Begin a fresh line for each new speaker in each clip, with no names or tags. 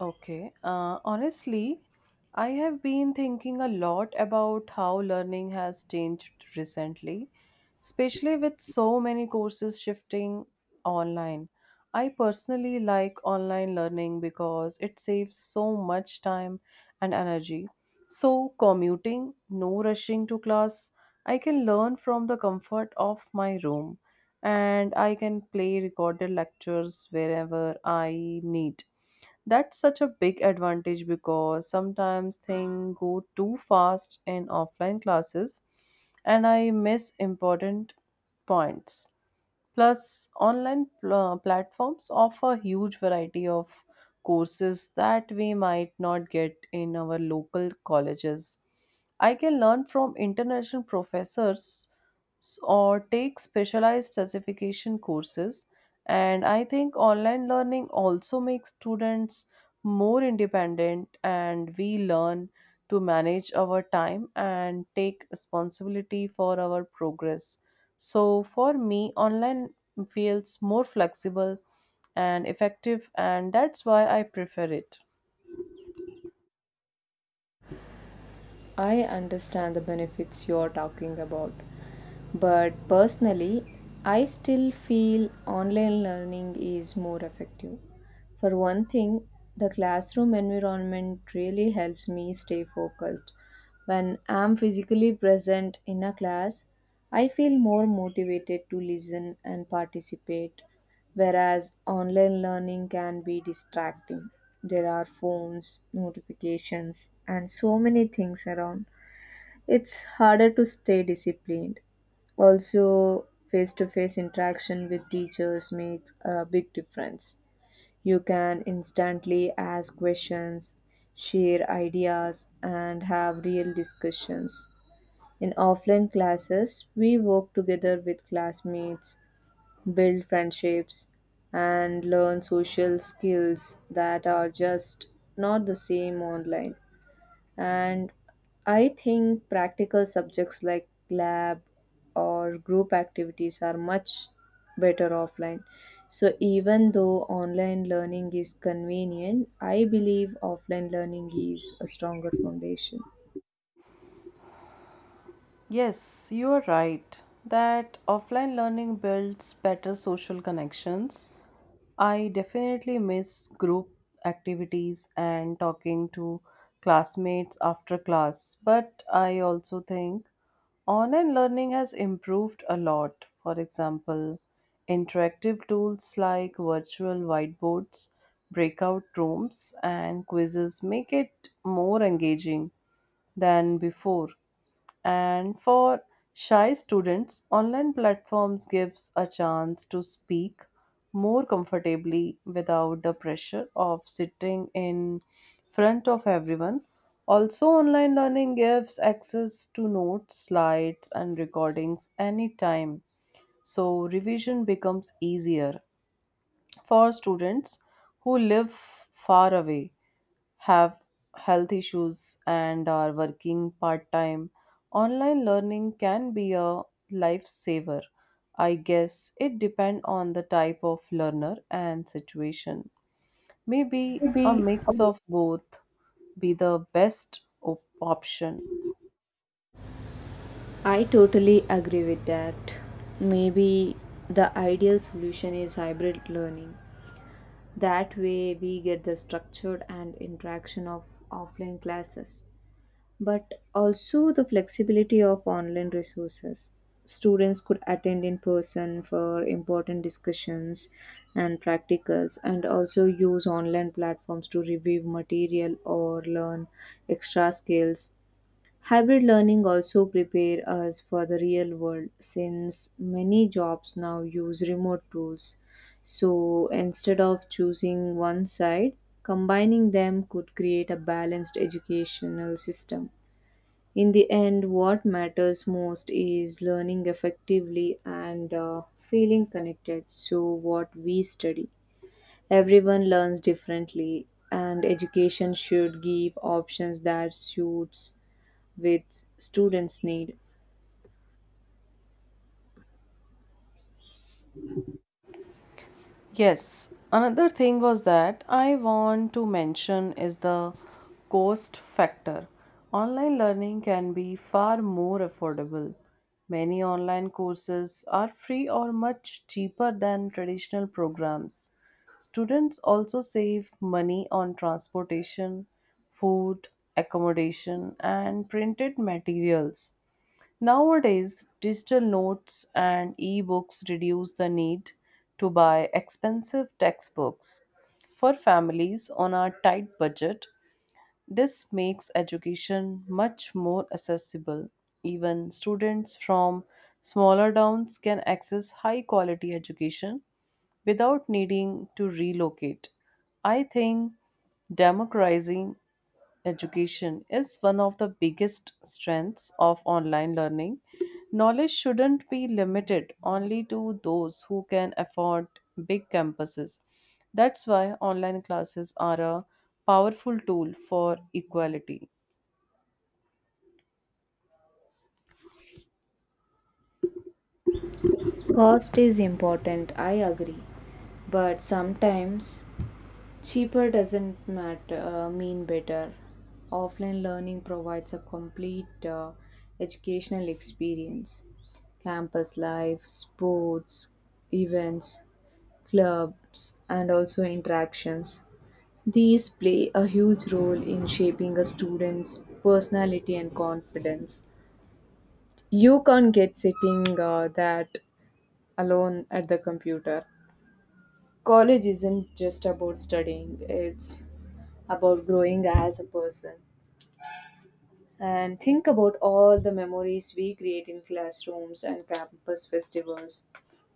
Okay. Honestly, I have been thinking a lot about how learning has changed recently, especially with so many courses shifting online. I personally like online learning because it saves so much time and energy. So, commuting, no rushing to class, I can learn from the comfort of my room and I can play recorded lectures wherever I need. That's such a big advantage because sometimes things go too fast in offline classes and I miss important points. Plus, online platforms offer huge variety of courses that we might not get in our local colleges. I can learn from international professors or take specialized certification courses. And I think online learning also makes students more independent, and we learn to manage our time and take responsibility for our progress. So for me, online feels more flexible and effective, and that's why I prefer it.
I understand the benefits you're talking about, but personally, I still feel online learning is more effective. For one thing, the classroom environment really helps me stay focused. When I'm physically present in a class, I feel more motivated to listen and participate, whereas online learning can be distracting. There are phones, notifications, and so many things around. It's harder to stay disciplined. Also, face to face interaction with teachers makes a big difference. You can instantly ask questions, share ideas, and have real discussions. In offline classes, we work together with classmates, build friendships, and learn social skills that are just not the same online. And I think practical subjects like lab or group activities are much better offline. So, even though online learning is convenient, I believe offline learning gives a stronger foundation.
Yes, you are right that offline learning builds better social connections. I definitely miss group activities and talking to classmates after class, but I also think online learning has improved a lot. For example, interactive tools like virtual whiteboards, breakout rooms, and quizzes make it more engaging than before, and for shy students online platforms gives a chance to speak more comfortably without the pressure of sitting in front of everyone. Also, online learning gives access to notes, slides, and recordings anytime, so revision becomes easier. For students who live far away, have health issues and are working part time, online learning can be a lifesaver. I guess it depends on the type of learner and situation. Maybe a mix of both be the best option.
I totally agree with that. Maybe the ideal solution is hybrid learning. That way, we get the structured and interaction of offline classes, but also the flexibility of online resources. Students could attend in person for important discussions and practicals, and also use online platforms to review material or learn extra skills. Hybrid learning also prepare us for the real world since many jobs now use remote tools. So instead of choosing one side, combining them could create a balanced educational system. In the end, what matters most is learning effectively and feeling connected. So, what we study. Everyone learns differently, and education should give options that suits with students' need.
Yes, another thing was that I want to mention is the cost factor. Online learning can be far more affordable. Many online courses are free or much cheaper than traditional programs. Students also save money on transportation, food, accommodation, and printed materials. Nowadays, digital notes and ebooks reduce the need to buy expensive textbooks. For families on a tight budget, this makes education much more accessible. Even students from smaller towns can access high quality education without needing to relocate. I think democratizing education is one of the biggest strengths of online learning. Knowledge shouldn't be limited only to those who can afford big campuses. That's why online classes are a powerful tool for equality.
Cost is important, I agree, but sometimes cheaper doesn't mean better. Offline learning provides a complete educational experience. Campus life, sports, events, clubs, and also interactions. These play a huge role in shaping a student's personality and confidence. You can't get sitting that alone at the computer. College isn't just about studying, it's about growing as a person. And think about all the memories we create in classrooms and campus festivals.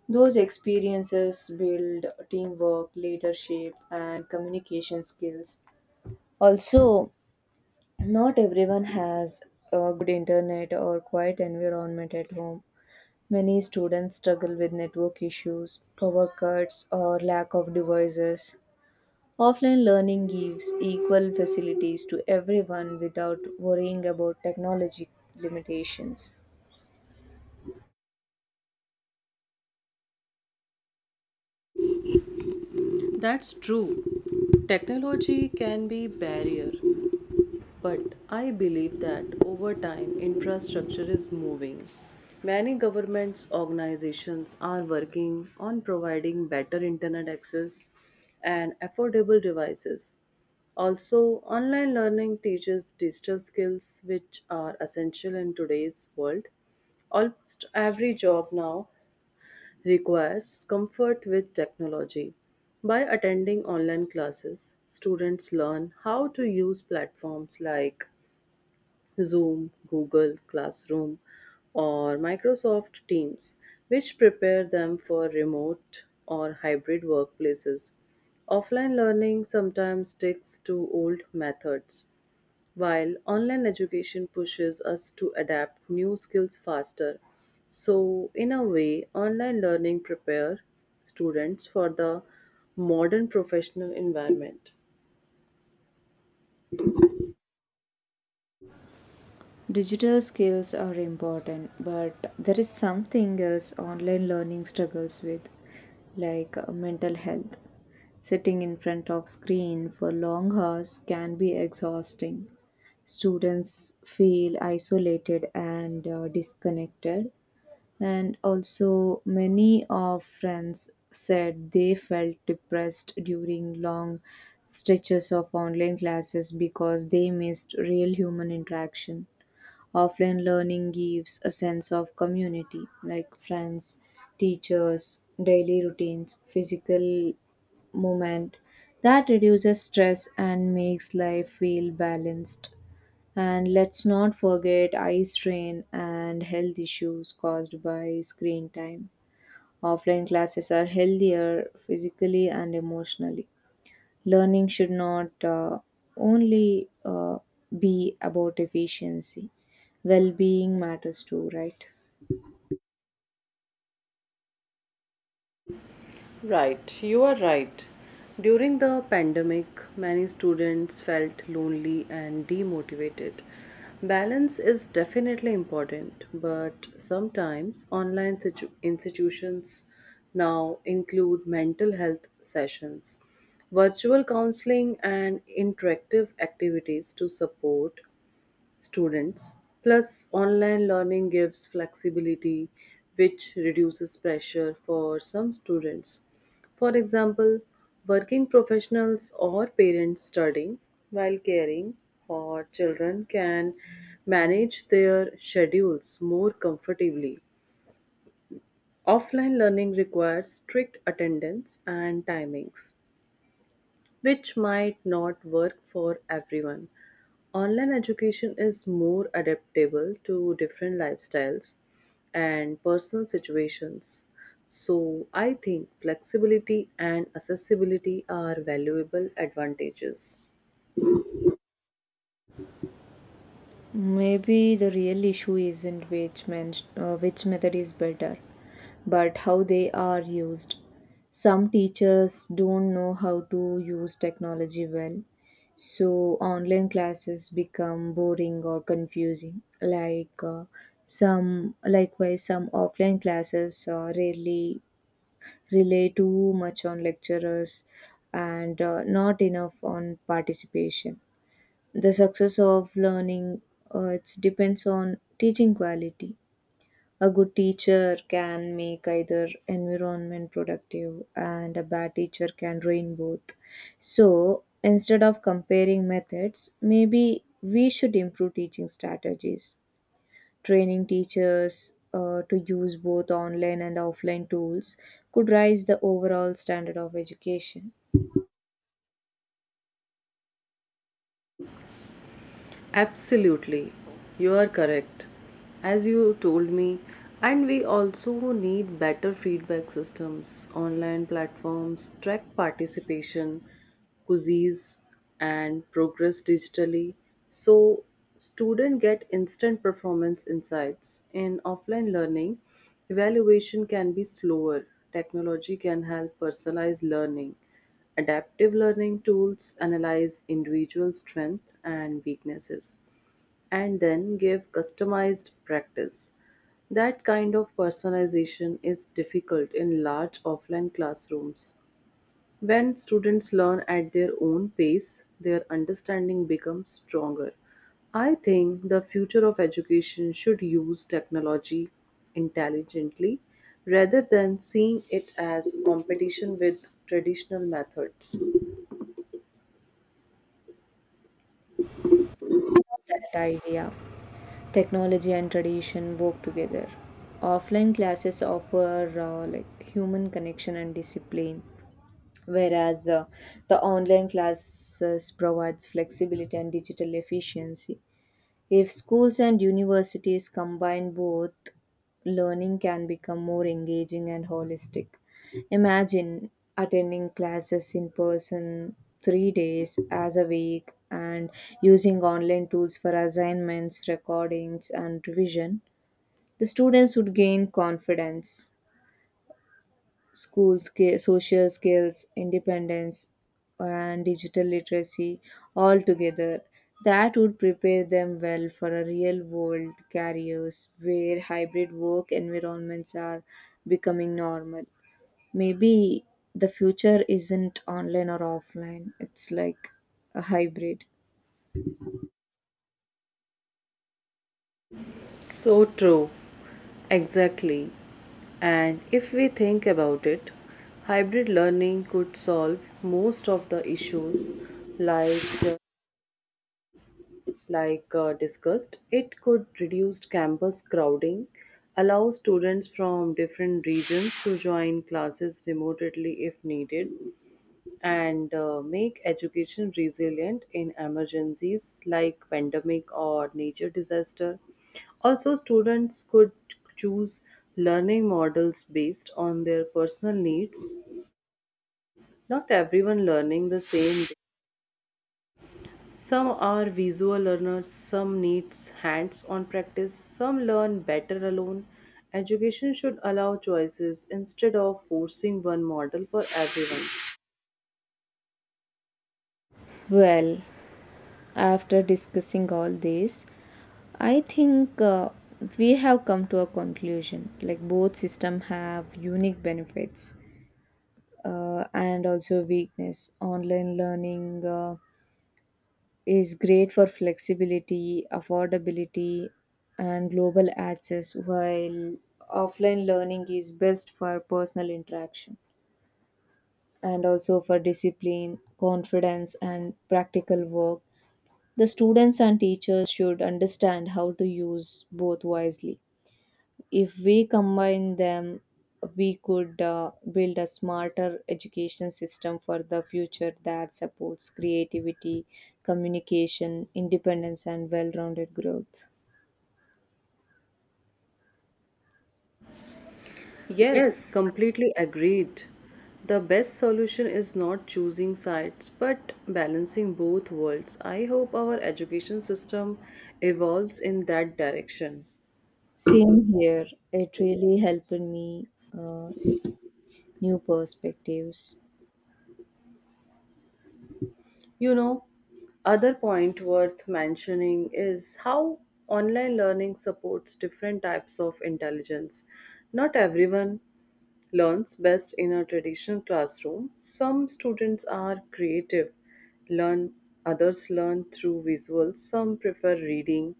Those experiences build teamwork, leadership, and communication skills. Also, not everyone has a good internet or quiet environment at home. Many students struggle with network issues, power cuts, or lack of devices. Offline learning gives equal facilities to everyone without worrying about technology limitations.
That's true. Technology can be barrier, but I believe that over time, infrastructure is moving. Many governments, organizations are working on providing better internet access and affordable devices. Also, online learning teaches digital skills which are essential in today's world. Almost every job now requires comfort with technology. By attending online classes, students learn how to use platforms like Zoom, Google Classroom, or Microsoft Teams, which prepare them for remote or hybrid workplaces. Offline learning sometimes sticks to old methods, while online education pushes us to adapt new skills faster. So, in a way, online learning prepare students for the modern professional environment.
Digital skills are important, but there is something else online learning struggles with, like mental health. Sitting in front of screen for long hours can be exhausting. Students feel isolated and disconnected. And also, many of friends said they felt depressed during long stretches of online classes because they missed real human interaction. Offline learning gives a sense of community, like friends, teachers, daily routines, physical movement that reduces stress and makes life feel balanced. And let's not forget eye strain and health issues caused by screen time. Offline classes are healthier physically and emotionally. Learning should not only be about efficiency, well being matters too, right?
Right, you are right. During the pandemic, many students felt lonely and demotivated. Balance is definitely important, but sometimes online institutions now include mental health sessions, virtual counseling, and interactive activities to support students. Plus, online learning gives flexibility, which reduces pressure for some students. For example, working professionals or parents studying while caring for children can manage their schedules more comfortably. Offline learning requires strict attendance and timings which might not work for everyone. Online education is more adaptable to different lifestyles and personal situations. So, I think flexibility and accessibility are valuable advantages.
Maybe the real issue isn't which method is better, but how they are used. Some teachers don't know how to use technology well, so online classes become boring or confusing. Likewise, some offline classes rarely rely too much on lecturers and not enough on participation. The success of learning it depends on teaching quality. A good teacher can make either environment productive and a bad teacher can ruin both. So instead of comparing methods, maybe we should improve teaching strategies. Training teachers to use both online and offline tools could raise the overall standard of education.
Absolutely, you are correct. As you told me, and we also need better feedback systems, online platforms, track participation, quizzes, and progress digitally, so students get instant performance insights. In offline learning, evaluation can be slower. Technology can help personalize learning. Adaptive learning tools analyze individual strengths and weaknesses and then give customized practice. That kind of personalization is difficult in large offline classrooms. When students learn at their own pace, their understanding becomes stronger. I think the future of education should use technology intelligently rather than seeing it as competition with traditional methods.
That idea. Technology and tradition work together. Offline classes offer like human connection and discipline, whereas the online classes provides flexibility and digital efficiency. If schools and universities combine both, learning can become more engaging and holistic. Imagine attending classes in person 3 days as a week and using online tools for assignments, recordings, and revision. The students would gain confidence, school skill, social skills, independence, and digital literacy all together. That would prepare them well for a real world careers where hybrid work environments are becoming normal. Maybe the future isn't online or offline, it's like a hybrid.
So true. Exactly. And if we think about it, hybrid learning could solve most of the issues like uh, like discussed. It could reduce campus crowding, allow students from different regions to join classes remotely if needed, and make education resilient in emergencies like pandemic or nature disaster. Also, students could choose learning models based on their personal needs. Not everyone learning the same. Day. Some are visual learners, some needs hands-on practice, some learn better alone. Education should allow choices instead of forcing one model for everyone.
Well, after discussing all this, I think we have come to a conclusion. Like both system have unique benefits and also weakness. Online learning is great for flexibility, affordability, and global access, while offline learning is best for personal interaction and also for discipline, confidence, and practical work. The students and teachers should understand how to use both wisely. If we combine them, we could build a smarter education system for the future that supports creativity, communication, independence, and well rounded growth.
Yes, completely agreed. The best solution is not choosing sides but balancing both worlds. I hope our education system evolves in that direction.
Same here, it really helped me see new perspectives.
You know, other point worth mentioning is how online learning supports different types of intelligence. Not everyone learns best in a traditional classroom. Some students are creative, learn others learn through visuals. Some prefer reading,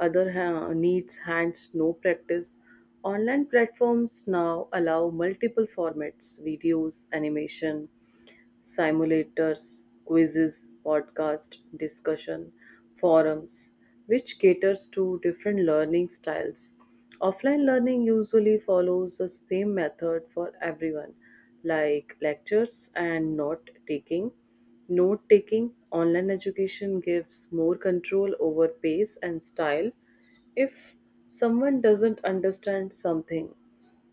needs hands-on practice. Online platforms now allow multiple formats, videos, animation, simulators, quizzes, podcast, discussion, forums, which caters to different learning styles. Offline learning usually follows the same method for everyone, like lectures and note taking. Note taking online education gives more control over pace and style. If someone doesn't understand something,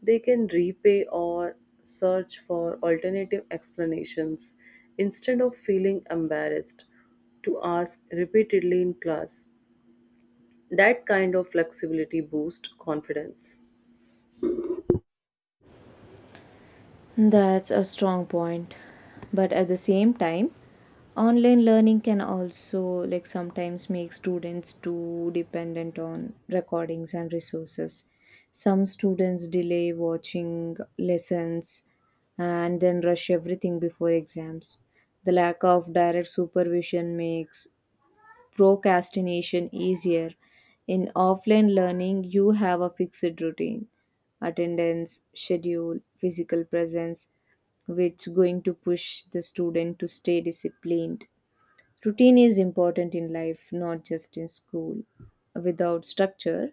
they can repay or search for alternative explanations instead of feeling embarrassed to ask repeatedly in class. That kind of flexibility boosts confidence.
That's a strong point. But at the same time, online learning can also like sometimes make students too dependent on recordings and resources. Some students delay watching lessons and then rush everything before exams. The lack of direct supervision makes procrastination easier. In offline learning, you have a fixed routine, attendance, schedule, physical presence which going to push the student to stay disciplined. Routine is important in life, not just in school. Without structure,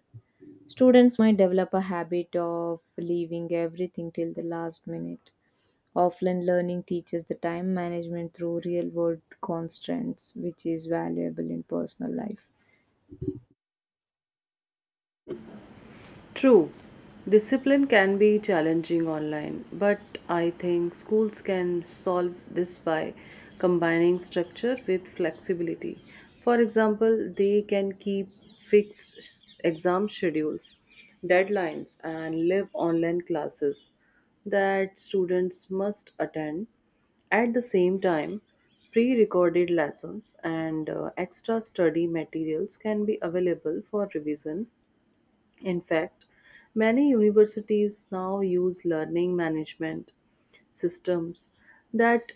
students might develop a habit of leaving everything till the last minute. Offline learning teaches the time management through real world constraints, which is valuable in personal life.
True, discipline can be challenging online, but I think schools can solve this by combining structure with flexibility. For example, they can keep fixed exam schedules, deadlines, and live online classes that students must attend. At the same time, pre recorded lessons and extra study materials can be available for revision. In fact, many universities now use learning management systems that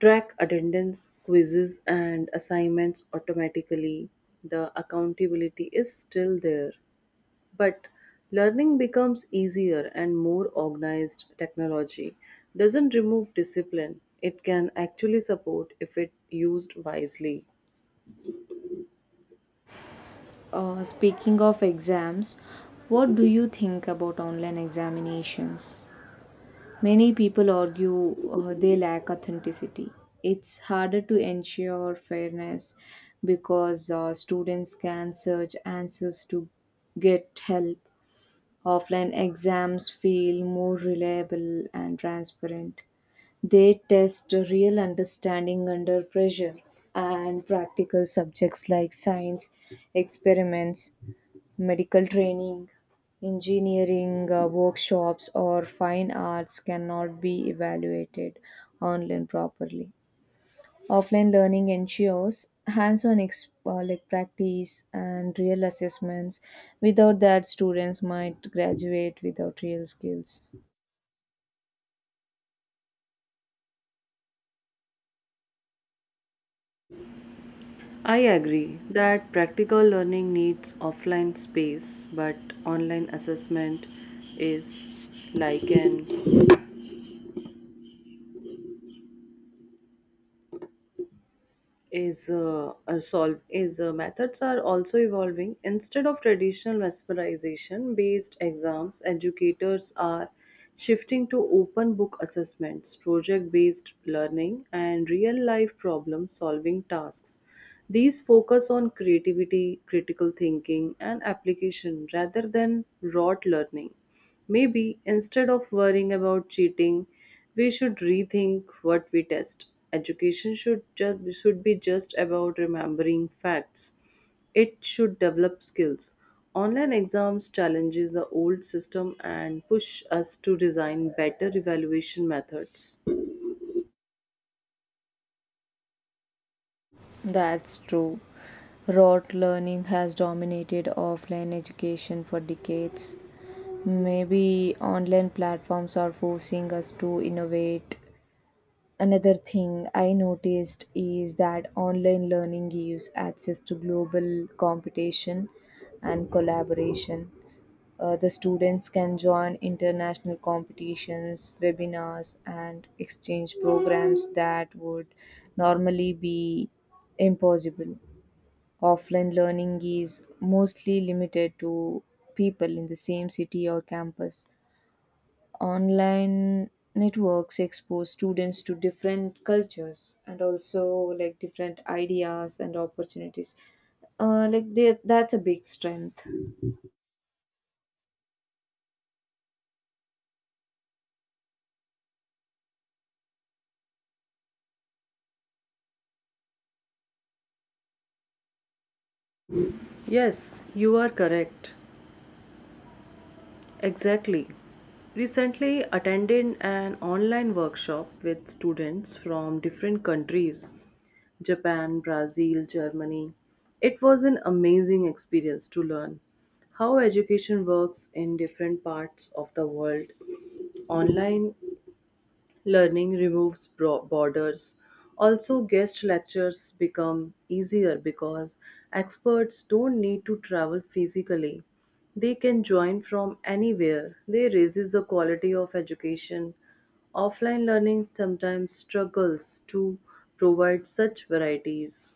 track attendance, quizzes, and assignments automatically. The accountability is still there, but learning becomes easier and more organized. Technology doesn't remove discipline, it can actually support if it used wisely.
Speaking of exams, what do you think about online examinations? Many people argue they lack authenticity. It's harder to ensure fairness because students can search answers to get help. Offline exams feel more reliable and transparent. They test real understanding under pressure, and practical subjects like science experiments, medical training, engineering workshops, or fine arts cannot be evaluated online properly. Offline learning ensures hands-on like practice and real assessments. Without that, students might graduate without real skills.
I agree that practical learning needs offline space, but online assessment is like an is solve is methods are also evolving. Instead of traditional mesmerization based exams, educators are shifting to open book assessments, project based learning and real life problem solving tasks. These focus on creativity, critical thinking and application rather than rote learning. Maybe instead of worrying about cheating, we should rethink what we test. Education should be just about remembering facts. It should develop skills. Online exams challenges the old system and push us to design better evaluation methods.
That's true. Rote learning has dominated offline education for decades. Maybe online platforms are forcing us to innovate. Another thing I noticed is that online learning gives access to global competition and collaboration. The students can join international competitions, webinars, and exchange programs that would normally be impossible. Offline learning is mostly limited to people in the same city or campus. Online networks expose students to different cultures and also like different ideas and opportunities, that's a big strength.
Yes, you are correct. Exactly. Recently attended an online workshop with students from different countries: Japan, Brazil, Germany. It was an amazing experience to learn how education works in different parts of the world. Online learning removes borders. Also, guest lectures become easier because experts don't need to travel physically. They can join from anywhere. They raises the quality of education. Offline learning sometimes struggles to provide such varieties.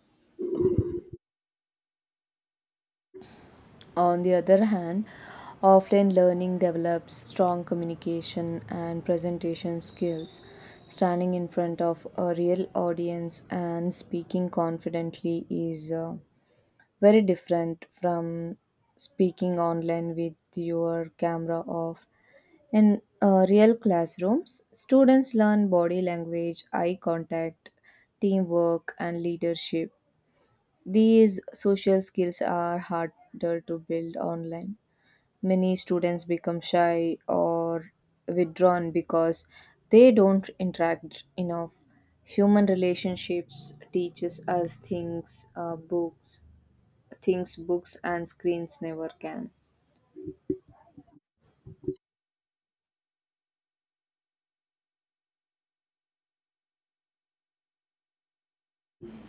On the other hand, offline learning develops strong communication and presentation skills. Standing in front of a real audience and speaking confidently is very different from speaking online with your camera off. In real classrooms, students learn body language, eye contact, teamwork, and leadership. These social skills are harder to build online. Many students become shy or withdrawn because they don't interact enough. Human relationships teaches us things books and screens never can.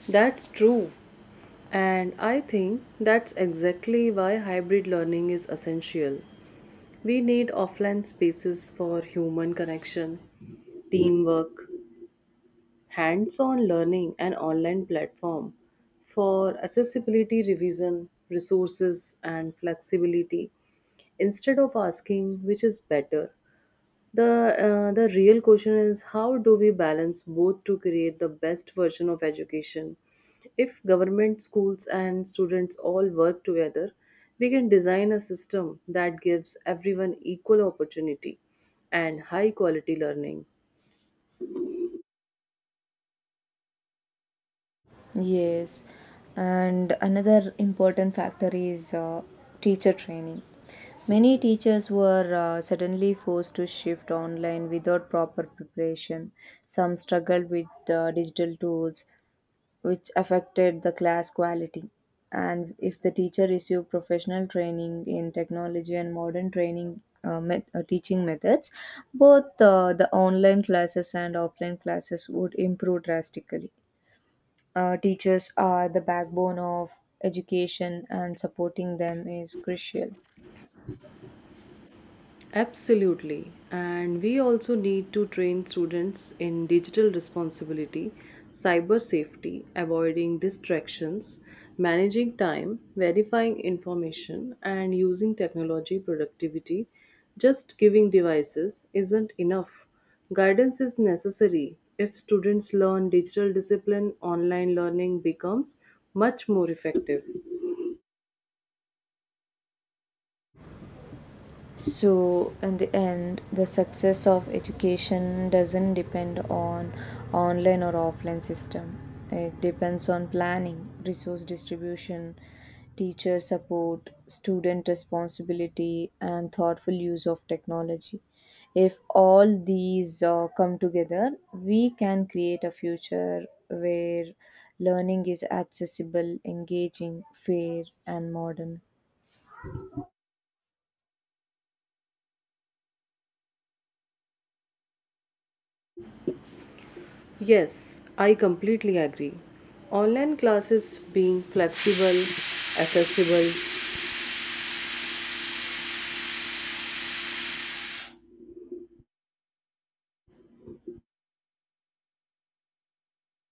That's true. And I think that's exactly why hybrid learning is essential. We need offline spaces for human connection, teamwork, hands on learning, and online platform for accessibility revision, resources, and flexibility. Instead of asking which is better, the real question is how do we balance both to create the best version of education? If government schools and students all work together, we can design a system that gives everyone equal opportunity and high quality learning.
Yes, and another important factor is teacher training. Many teachers were suddenly forced to shift online without proper preparation. Some struggled with digital tools, which affected the class quality. And if the teacher received professional training in technology and modern training teaching methods, both the online classes and offline classes would improve drastically. Teachers are the backbone of education, and supporting them is crucial.
Absolutely. And we also need to train students in digital responsibility, cyber safety, avoiding distractions, managing time, verifying information, and using technology productivity. Just giving devices isn't enough. Guidance is necessary. If students learn digital discipline, online learning becomes much more effective.
So in the end, the success of education doesn't depend on online or offline system. It depends on planning, resource distribution, teacher support, student responsibility, and thoughtful use of technology. If all these come together, we can create a future where learning is accessible, engaging, fair, and modern.
Yes, I completely agree. Online classes being flexible, accessible,